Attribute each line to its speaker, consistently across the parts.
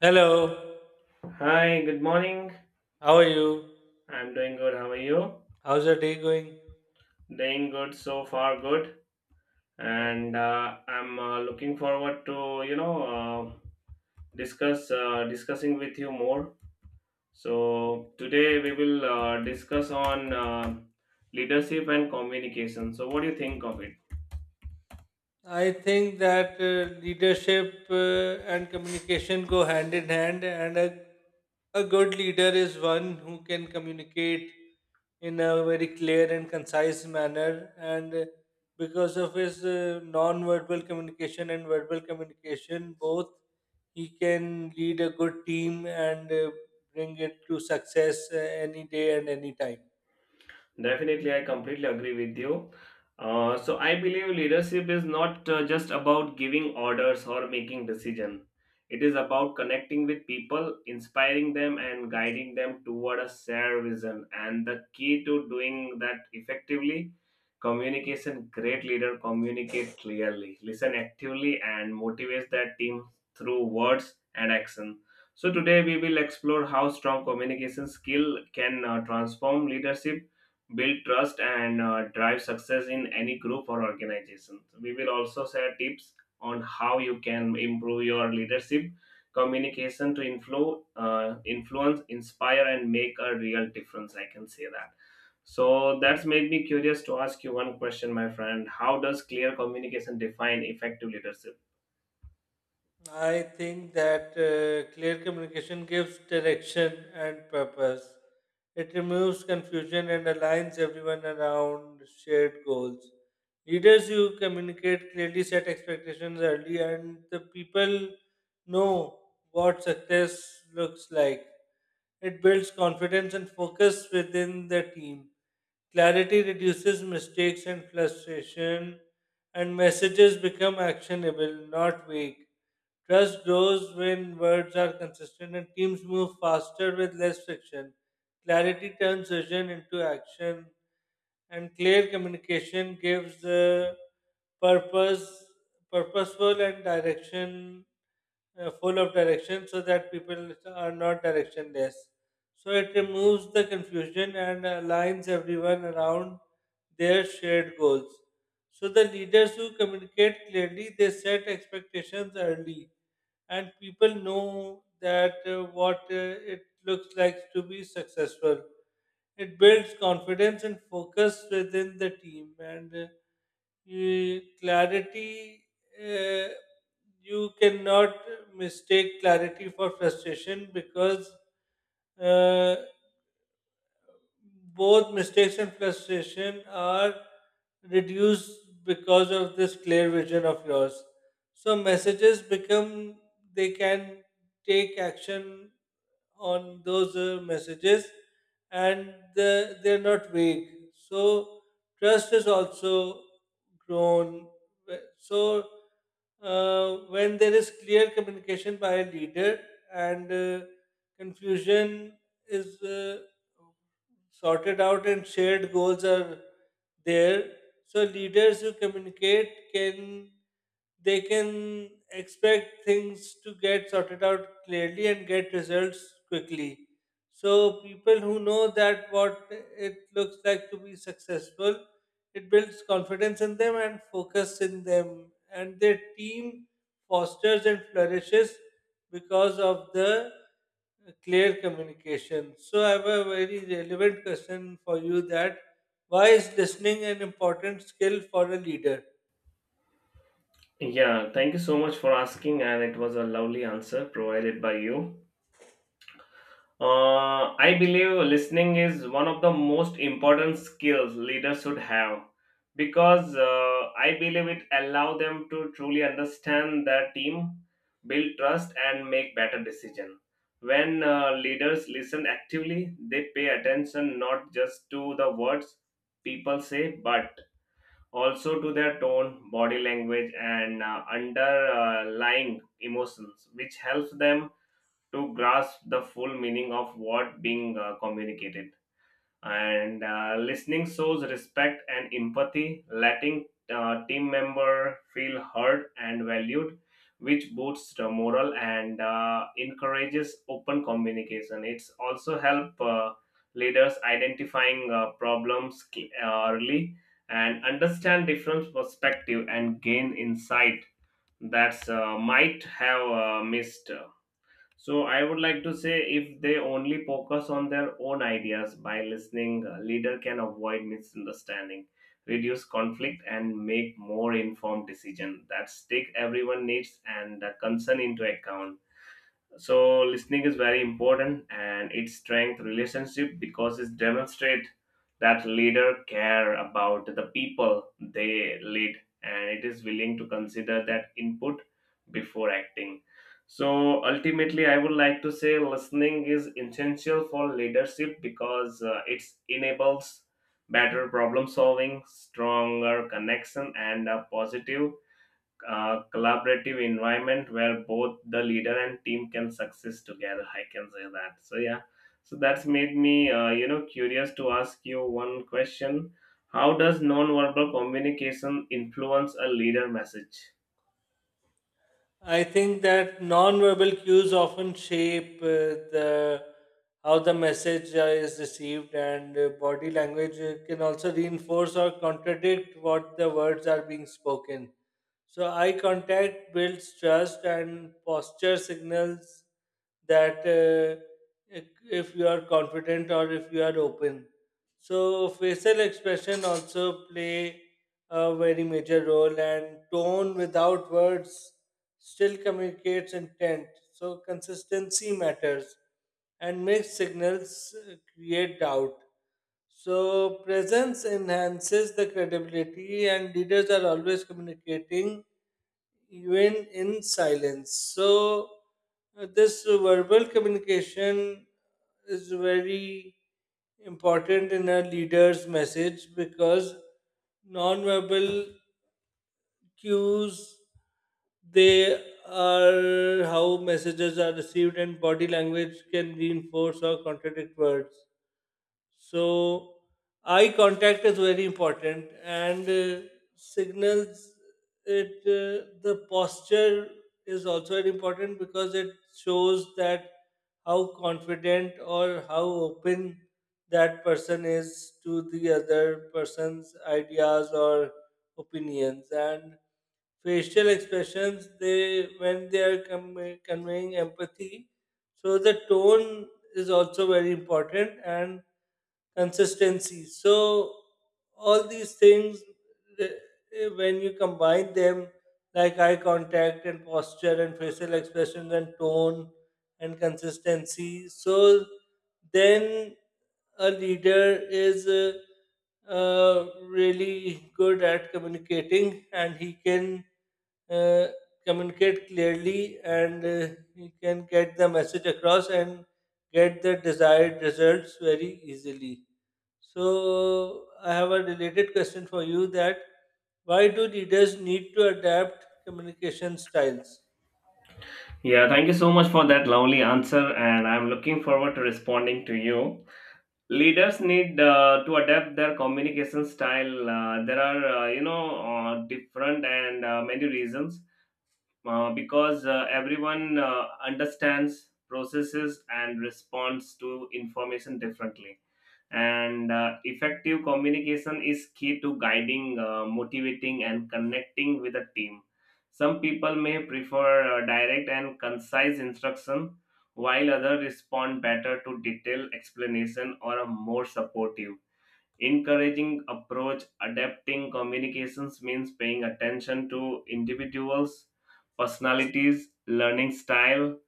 Speaker 1: Hello,
Speaker 2: Hi, good morning.
Speaker 1: how are you?
Speaker 2: I'm doing good. How are you?
Speaker 1: How's your day going?
Speaker 2: Doing good so far, good. And
Speaker 1: Okay.
Speaker 2: I'm looking forward to discussing with you more. So today we will discuss on leadership and communication. So what do you think of it?
Speaker 1: I think that leadership and communication go hand in hand, and a good leader is one who can communicate in a very clear and concise manner. And because of his non verbal communication and verbal communication, both he can lead a good team and bring it to success any day and any time.
Speaker 2: Definitely, I completely agree with you. So I believe leadership is not just about giving orders or making decision. It is about connecting with people, inspiring them, and guiding them toward a shared vision. And the key to doing that effectively, communication. Great leader communicate clearly, listen actively, and motivates their team through words and action. So today we will explore how strong communication skill can transform leadership, build trust, and drive success in any group or organization. We will also share tips on how you can improve your leadership communication to influence, inspire, and make a real difference. I can say that. So that's made me curious to ask you one question, my friend. How does clear communication define effective leadership?
Speaker 1: I think that clear communication gives direction and purpose. It removes confusion and aligns everyone around shared goals. Leaders who communicate clearly set expectations early, and the people know what success looks like. It builds confidence and focus within the team. Clarity reduces mistakes and frustration, and messages become actionable, not vague. Trust grows when words are consistent and teams move faster with less friction. Clarity turns vision into action, and clear communication gives the purpose, purposeful and direction, full of direction, so that people are not directionless. So it removes the confusion and aligns everyone around their shared goals. So the leaders who communicate clearly, they set expectations early, and people know that what it looks like to be successful. It builds confidence and focus within the team, and clarity. Uh, you cannot mistake clarity for frustration, because uh, both mistakes and frustration are reduced because of this clear vision of yours. So messages become, they can take action on those messages, and they're not vague. So trust is also grown. So when there is clear communication by a leader and confusion is sorted out and shared goals are there, so leaders who communicate can, they can expect things to get sorted out clearly and get results quickly. So people who know that what it looks like to be successful, it builds confidence in them and focus in them, and their team fosters and flourishes because of the clear communication. So I have a very relevant question for you: that why is listening an important skill for a leader?
Speaker 2: Yeah, thank you so much for asking, and it was a lovely answer provided by you. I believe listening is one of the most important skills leaders should have because I believe it allows them to truly understand their team, build trust, and make better decisions. When leaders listen actively, they pay attention not just to the words people say, but also to their tone, body language, and underlying emotions, which helps them to grasp the full meaning of what being communicated. And listening shows respect and empathy, letting team member feel heard and valued, which boosts the morale and encourages open communication. It's also help leaders identifying problems early, and understand different perspective and gain insight that's might have missed. So I would like to say, if they only focus on their own ideas by listening, a leader can avoid misunderstanding, reduce conflict, and make more informed decision that take everyone needs and concern into account. So listening is very important, and it strengthens relationship because it demonstrates that leader care about the people they lead, and it is willing to consider that input before acting. So ultimately I would like to say listening is essential for leadership because it enables better problem solving, stronger connection, and a positive collaborative environment where both the leader and team can success together. I can say that. So yeah, so that's made me, you know, curious to ask you one question. How does non-verbal communication influence a leader message?
Speaker 1: I think that non-verbal cues often shape the, how the message is received, and body language can also reinforce or contradict what the words are being spoken. So eye contact builds trust, and posture signals that if you are confident or if you are open. So facial expression also play a very major role, and tone without words still communicates intent. So consistency matters, and mixed signals create doubt. So presence enhances the credibility, and leaders are always communicating even in silence. So, this verbal communication is very important in a leader's message, because non-verbal cues, they are how messages are received, and body language can reinforce or contradict words. So eye contact is very important and signals it. The posture is also very important because it shows that how confident or how open that person is to the other person's ideas or opinions, and facial expressions, they, when they are conveying empathy. So the tone is also very important, and consistency, so all these things, eh, when you combine them, like eye contact and posture and facial expressions and tone and consistency, so then a leader is really good at communicating, and he can uh, communicate clearly, and he can get the message across and get the desired results very easily. So, I have a related question for you: that why do leaders need to adapt communication styles?
Speaker 2: Yeah, thank you so much for that lovely answer, and I'm looking forward to responding to you. Leaders need to adapt their communication style. There are different and many reasons because everyone understands processes and responds to information differently, and effective communication is key to guiding, motivating, and connecting with a team. Some people may prefer direct and concise instruction, while others respond better to detailed explanation or a more supportive, encouraging approach. Adapting communications means paying attention to individuals personalities, learning style,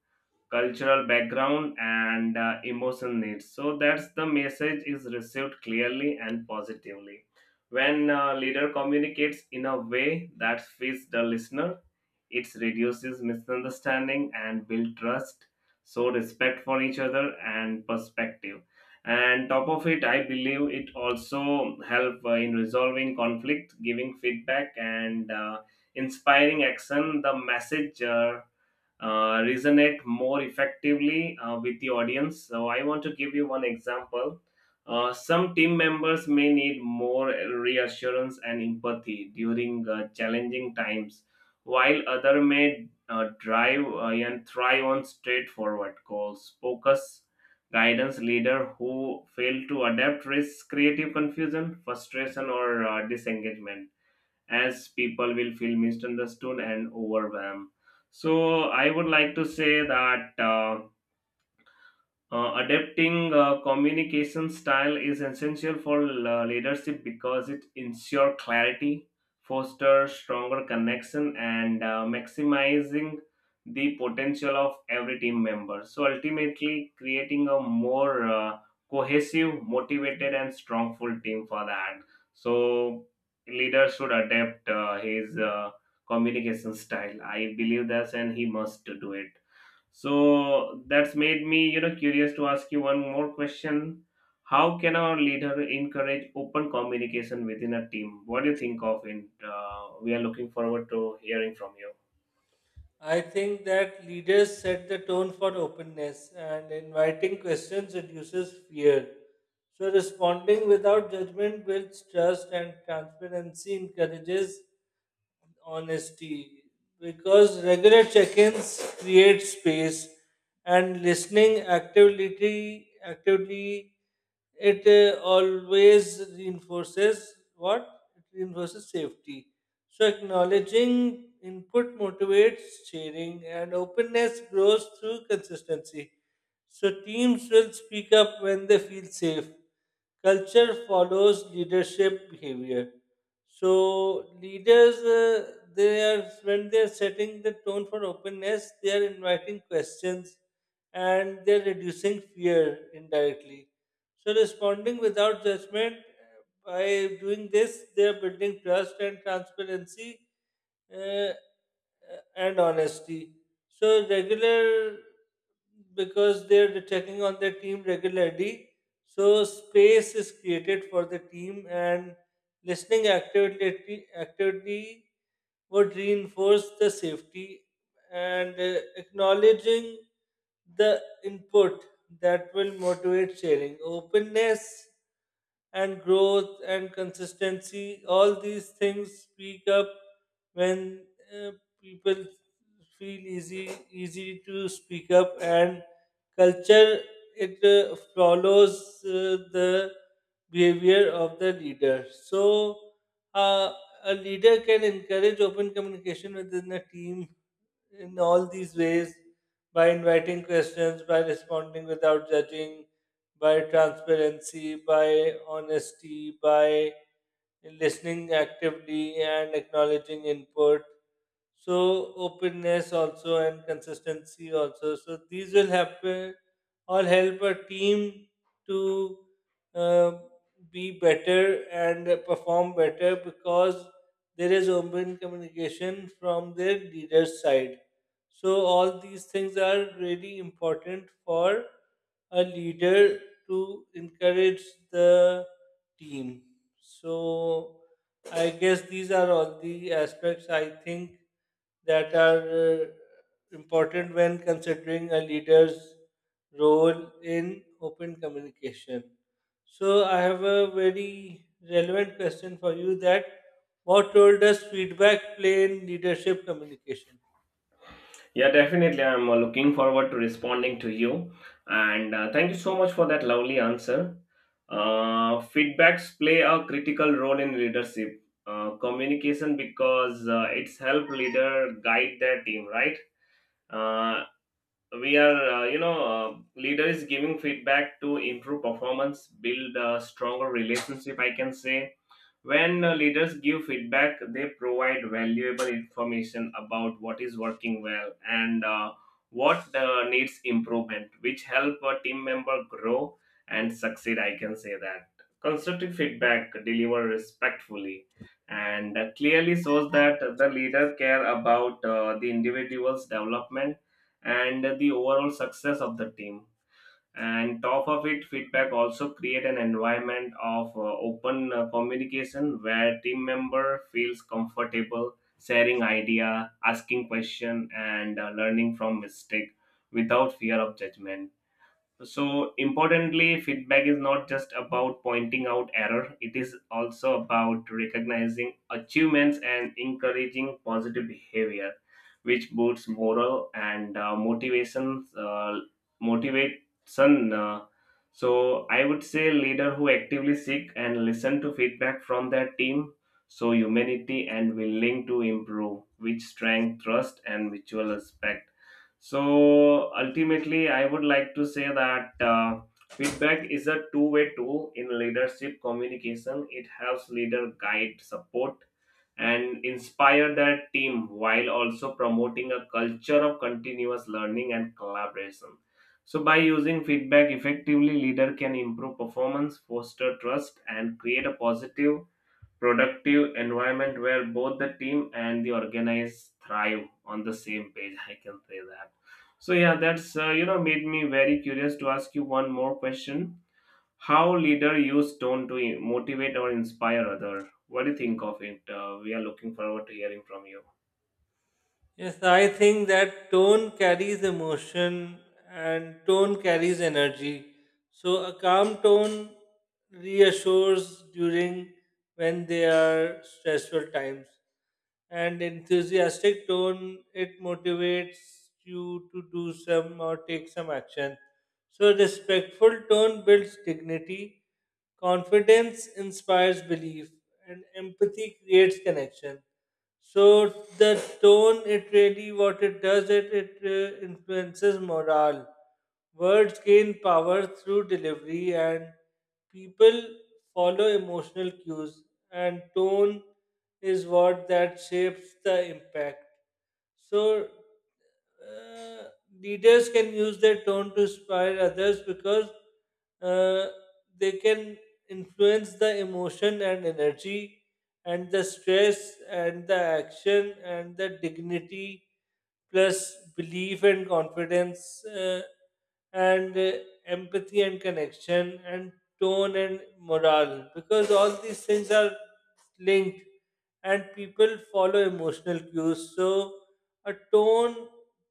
Speaker 2: cultural background, and emotion needs, so that's the message is received clearly and positively. When leader communicates in a way that fits the listener, it reduces misunderstanding and build trust, so respect for each other and perspective. And top of it, I believe it also help in resolving conflict, giving feedback, and inspiring action. The message. Resonate more effectively with the audience. So, I want to give you one example. Some team members may need more reassurance and empathy during challenging times, while other may drive and thrive on straightforward goals. Focus guidance leader who fail to adapt risks creative confusion, frustration, or disengagement, as people will feel misunderstood and overwhelmed. So I would like to say that. Adapting communication style is essential for leadership because it ensures clarity, fosters stronger connection, and maximizing the potential of every team member. So ultimately, creating a more cohesive, motivated, and strongful team for that. So leader should adapt his communication style. I believe that, and he must do it. So that's made me, you know, curious to ask you one more question. How can our leader encourage open communication within a team? What do you think of it? We are looking forward to hearing from you.
Speaker 1: I think that leaders set the tone for openness, and inviting questions reduces fear. So, responding without judgment builds trust, and transparency encourages honesty, because regular check-ins create space, and listening actively, actively, it always reinforces what, it reinforces safety. So acknowledging input motivates sharing, and openness grows through consistency. So teams will speak up when they feel safe. Culture follows leadership behavior. So leaders, they are, when they are setting the tone for openness, they are inviting questions, and they are reducing fear indirectly. So responding without judgment, by doing this, they are building trust and transparency, uh, uh, and honesty. So regular, because they're checking on their team regularly. So space is created for the team, and listening actively, actively would reinforce the safety, and acknowledging the input, that will motivate sharing. Openness and growth and consistency, all these things, speak up when uh, people feel easy to speak up, and culture, it follows the behavior of the leader. So uh, a leader can encourage open communication within a team in all these ways: by inviting questions, by responding without judging, by transparency, by honesty, by listening actively and acknowledging input, so openness also and consistency also, so these will happen, all help a team to uh, be better and perform better because there is open communication from their leader's side. So all these things are really important for a leader to encourage the team. So I guess these are all the aspects I think that are important when considering a leader's role in open communication. So, I have a very relevant question for you: that what role does feedback play in leadership communication?
Speaker 2: Yeah, definitely. I'm looking forward to responding to you. And thank you so much for that lovely answer. Feedbacks play a critical role in leadership. Communication because it's help leader guide their team, right? Uh. We are leader is giving feedback to improve performance, build a stronger relationship. I can say, when leaders give feedback, they provide valuable information about what is working well and what needs improvement, which help a team member grow and succeed. I can say that constructive feedback delivered respectfully and clearly shows that the leader care about the individual's development and the overall success of the team. And top of it, feedback also create an environment of open communication, where team member feels comfortable sharing idea, asking question, and learning from mistake without fear of judgment. So importantly, feedback is not just about pointing out error, it is also about recognizing achievements and encouraging positive behavior, which boosts moral and motivation motivation So I would say leader who actively seek and listen to feedback from their team, so humanity and willing to improve, which strength trust and mutual respect. So ultimately, I would like to say that feedback is a two-way tool in leadership communication. It helps leader guide, support, and inspire their team while also promoting a culture of continuous learning and collaboration. So by using feedback effectively, leader can improve performance, foster trust, and create a positive, productive environment where both the team and the organized thrive on the same page. I can say that. So yeah, that's you know, made me very curious to ask you one more question. How leader use tone to motivate or inspire other? What do you think of it? Uh, we are looking forward to hearing from you.
Speaker 1: Yes, I think that tone carries emotion and tone carries energy. So a calm tone reassures during, when they are stressful times. And enthusiastic tone, it motivates you to do some or take some action. So respectful tone builds dignity, confidence inspires belief, and empathy creates connection. So the tone, it really, what it does, it influences morale. Words gain power through delivery, and people follow emotional cues. And tone is what that shapes the impact. So uh, leaders can use their tone to inspire others, because uh, they can influence the emotion and energy, and the stress and the action and the dignity, plus belief and confidence, and empathy and connection and tone and morale, because all these things are linked, and people follow emotional cues. So a tone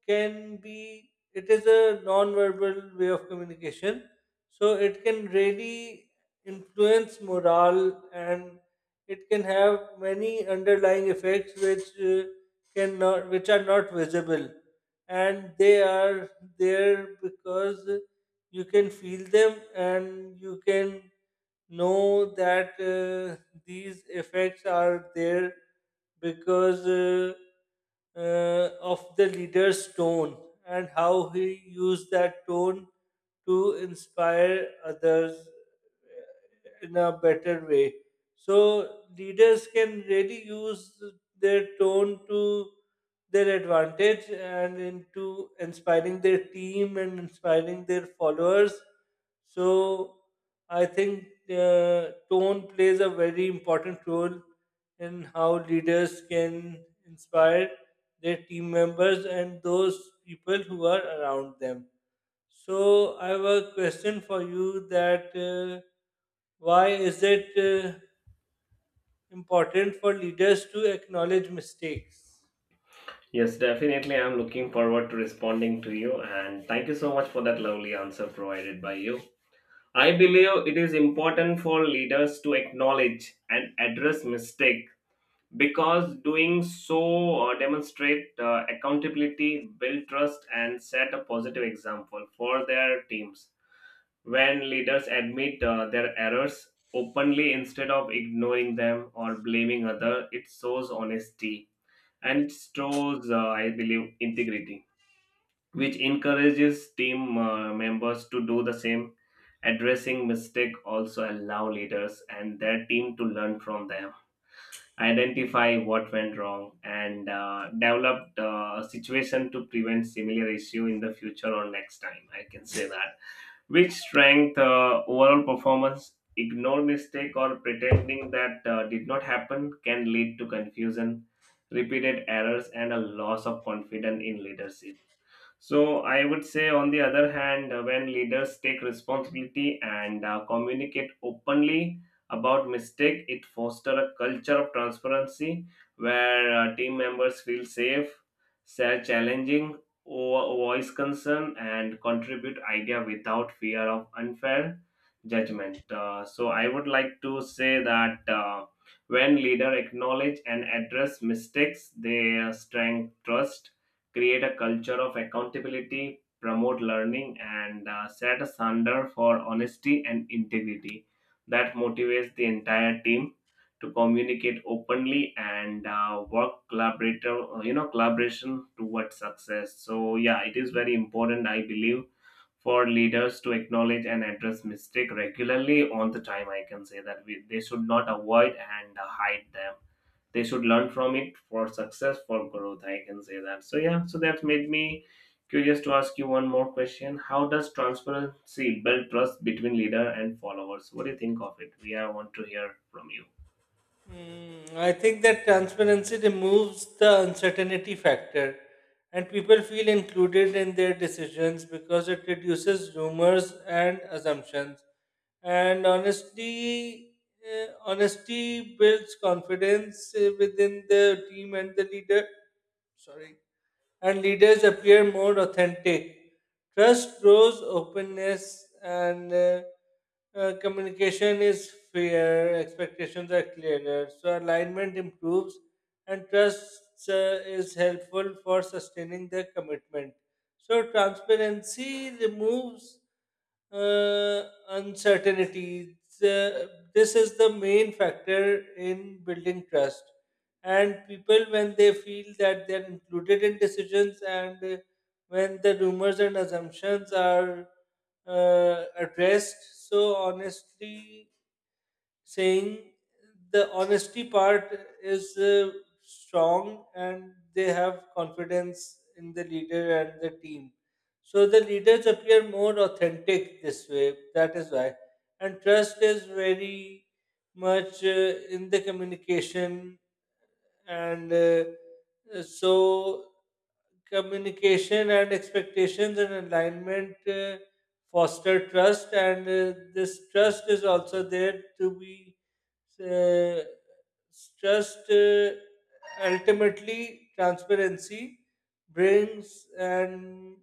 Speaker 1: can be, it is a non-verbal way of communication, so it can really influence morale, and it can have many underlying effects which can not which are not visible, and they are there because you can feel them, and you can know that these effects are there because of the leader's tone and how he used that tone to inspire others in a better way. So leaders can really use their tone to their advantage and into inspiring their team and inspiring their followers. So I think tone plays a very important role in how leaders can inspire their team members and those people who are around them. So I have a question for you: that why is it important for leaders to acknowledge mistakes?
Speaker 2: Yes, definitely, I'm looking forward to responding to you, and thank you so much for that lovely answer provided by you. I believe it is important for leaders to acknowledge and address mistakes because doing so demonstrate accountability, build trust, and set a positive example for their teams. When leaders admit their errors openly instead of ignoring them or blaming other, it shows honesty, and it shows I believe integrity, which encourages team members to do the same. Addressing mistake also allow leaders and their team to learn from them, identify what went wrong, and develop the situation to prevent similar issue in the future or next time. I can say that. Which strength overall performance? Ignore mistake or pretending that did not happen can lead to confusion, repeated errors, and a loss of confidence in leadership. So, I would say, on the other hand, when leaders take responsibility and communicate openly about mistake, it foster a culture of transparency where team members feel safe, share challenging, voice concern, and contribute idea without fear of unfair judgment. So, I would like to say that when leader acknowledge and address mistakes, they strengthen trust, create a culture of accountability, promote learning, and set a standard for honesty and integrity that motivates the entire team to communicate openly and work collaborator, you know, collaboration towards success. So yeah, it is very important, I believe, for leaders to acknowledge and address mistake regularly on the time. I can say that. They should not avoid and hide them, they should learn from it for success, for growth. I can say that. So yeah, so that made me curious to ask you one more question. How does transparency build trust between leader and followers? What do you think of it? We are want to hear from you.
Speaker 1: Mm, I think that transparency removes the uncertainty factor, and people feel included in their decisions, because it reduces rumors and assumptions. And honestly, honesty builds confidence within the team and the leader. Sorry, and leaders appear more authentic. Trust grows, openness and communication is fair, expectations are clearer, so alignment improves, and trust is helpful for sustaining the commitment. So, transparency removes uh, uncertainty. The- this is the main factor in building trust, and people, when they feel that they're included in decisions, and when the rumors and assumptions are addressed, so honestly saying, the honesty part is strong, and they have confidence in the leader and the team. So the leaders appear more authentic this way, that is why, and trust is very much in the communication, and so communication and expectations and alignment foster trust, and this trust is also there to be uh, trust ultimately transparency brings, and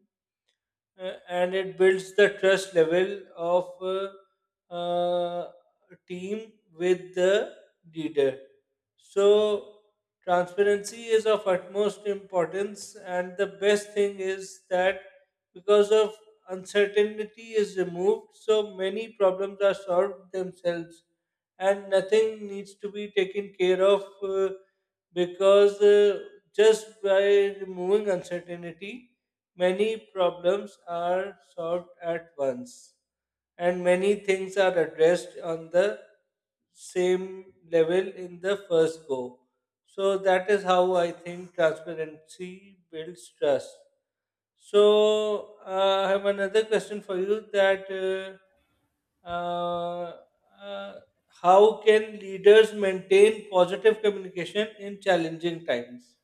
Speaker 1: uh, and it builds the trust level of team with the leader. So transparency is of utmost importance, and the best thing is that because of, uncertainty is removed, so many problems are solved themselves, and nothing needs to be taken care of because just by removing uncertainty, many problems are solved at once, and many things are addressed on the same level in the first go. So, that is how I think transparency builds trust. So I have another question for you: that uh, uh, uh, how can leaders maintain positive communication in challenging times?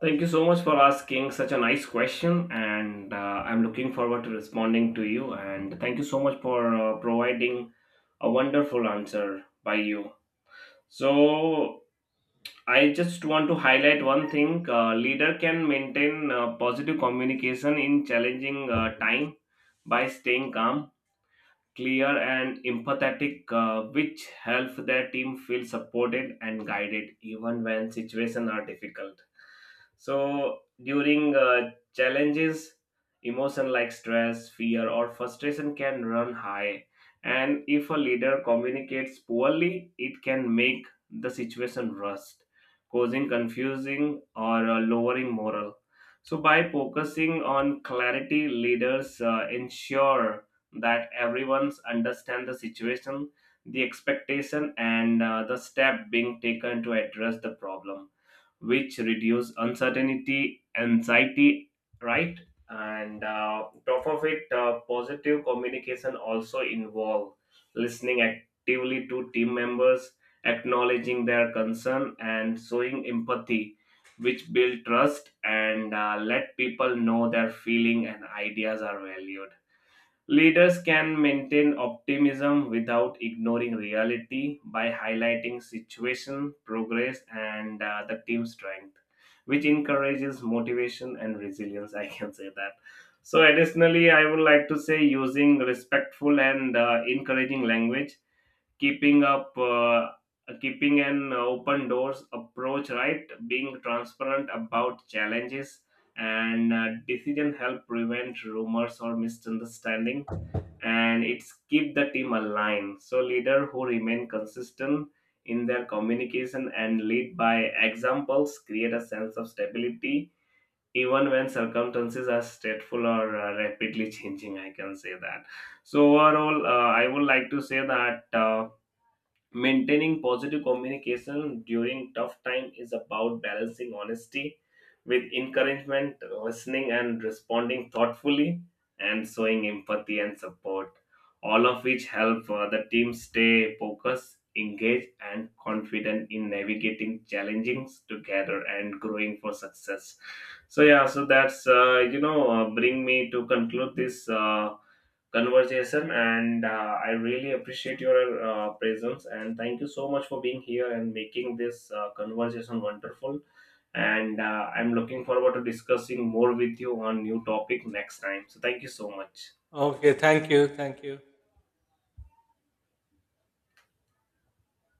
Speaker 2: Thank you so much for asking such a nice question, and I'm looking forward to responding to you, and thank you so much for providing a wonderful answer by you. So I just want to highlight one thing. Leader can maintain positive communication in challenging time by staying calm, clear, and empathetic, which helps their team feel supported and guided even when situations are difficult. So during challenges, emotion like stress, fear, or frustration can run high, and if a leader communicates poorly, it can make the situation rust, causing confusing or lowering morale. So by focusing on clarity, leaders ensure that everyone's understand the situation, the expectation, and the step being taken to address the problem, which reduce uncertainty, anxiety, right? And top of it, positive communication also involve listening actively to team members, acknowledging their concern, and showing empathy, which build trust and let people know their feeling and ideas are valued. Leaders can maintain optimism without ignoring reality by highlighting situation, progress, and the team strength, which encourages motivation and resilience. I can say that. So, additionally, I would like to say, using respectful and encouraging language, keeping up, uh, keeping an open doors approach, right? Being transparent about challenges and decision help prevent rumors or misunderstanding, and it's keep the team aligned. So leader who remain consistent in their communication and lead by examples create a sense of stability even when circumstances are stressful or rapidly changing. I can say that. So overall, I would like to say that. Maintaining positive communication during tough time is about balancing honesty with encouragement, listening and responding thoughtfully, and showing empathy and support, all of which help the team stay focused, engaged, and confident in navigating challenges together and growing for success. So yeah, so that's bring me to conclude this. Conversation, and I really appreciate your presence, and thank you so much for being here and making this conversation wonderful, and I'm looking forward to discussing more with you on new topic next time. So thank you so much.
Speaker 1: Okay, thank you, thank you.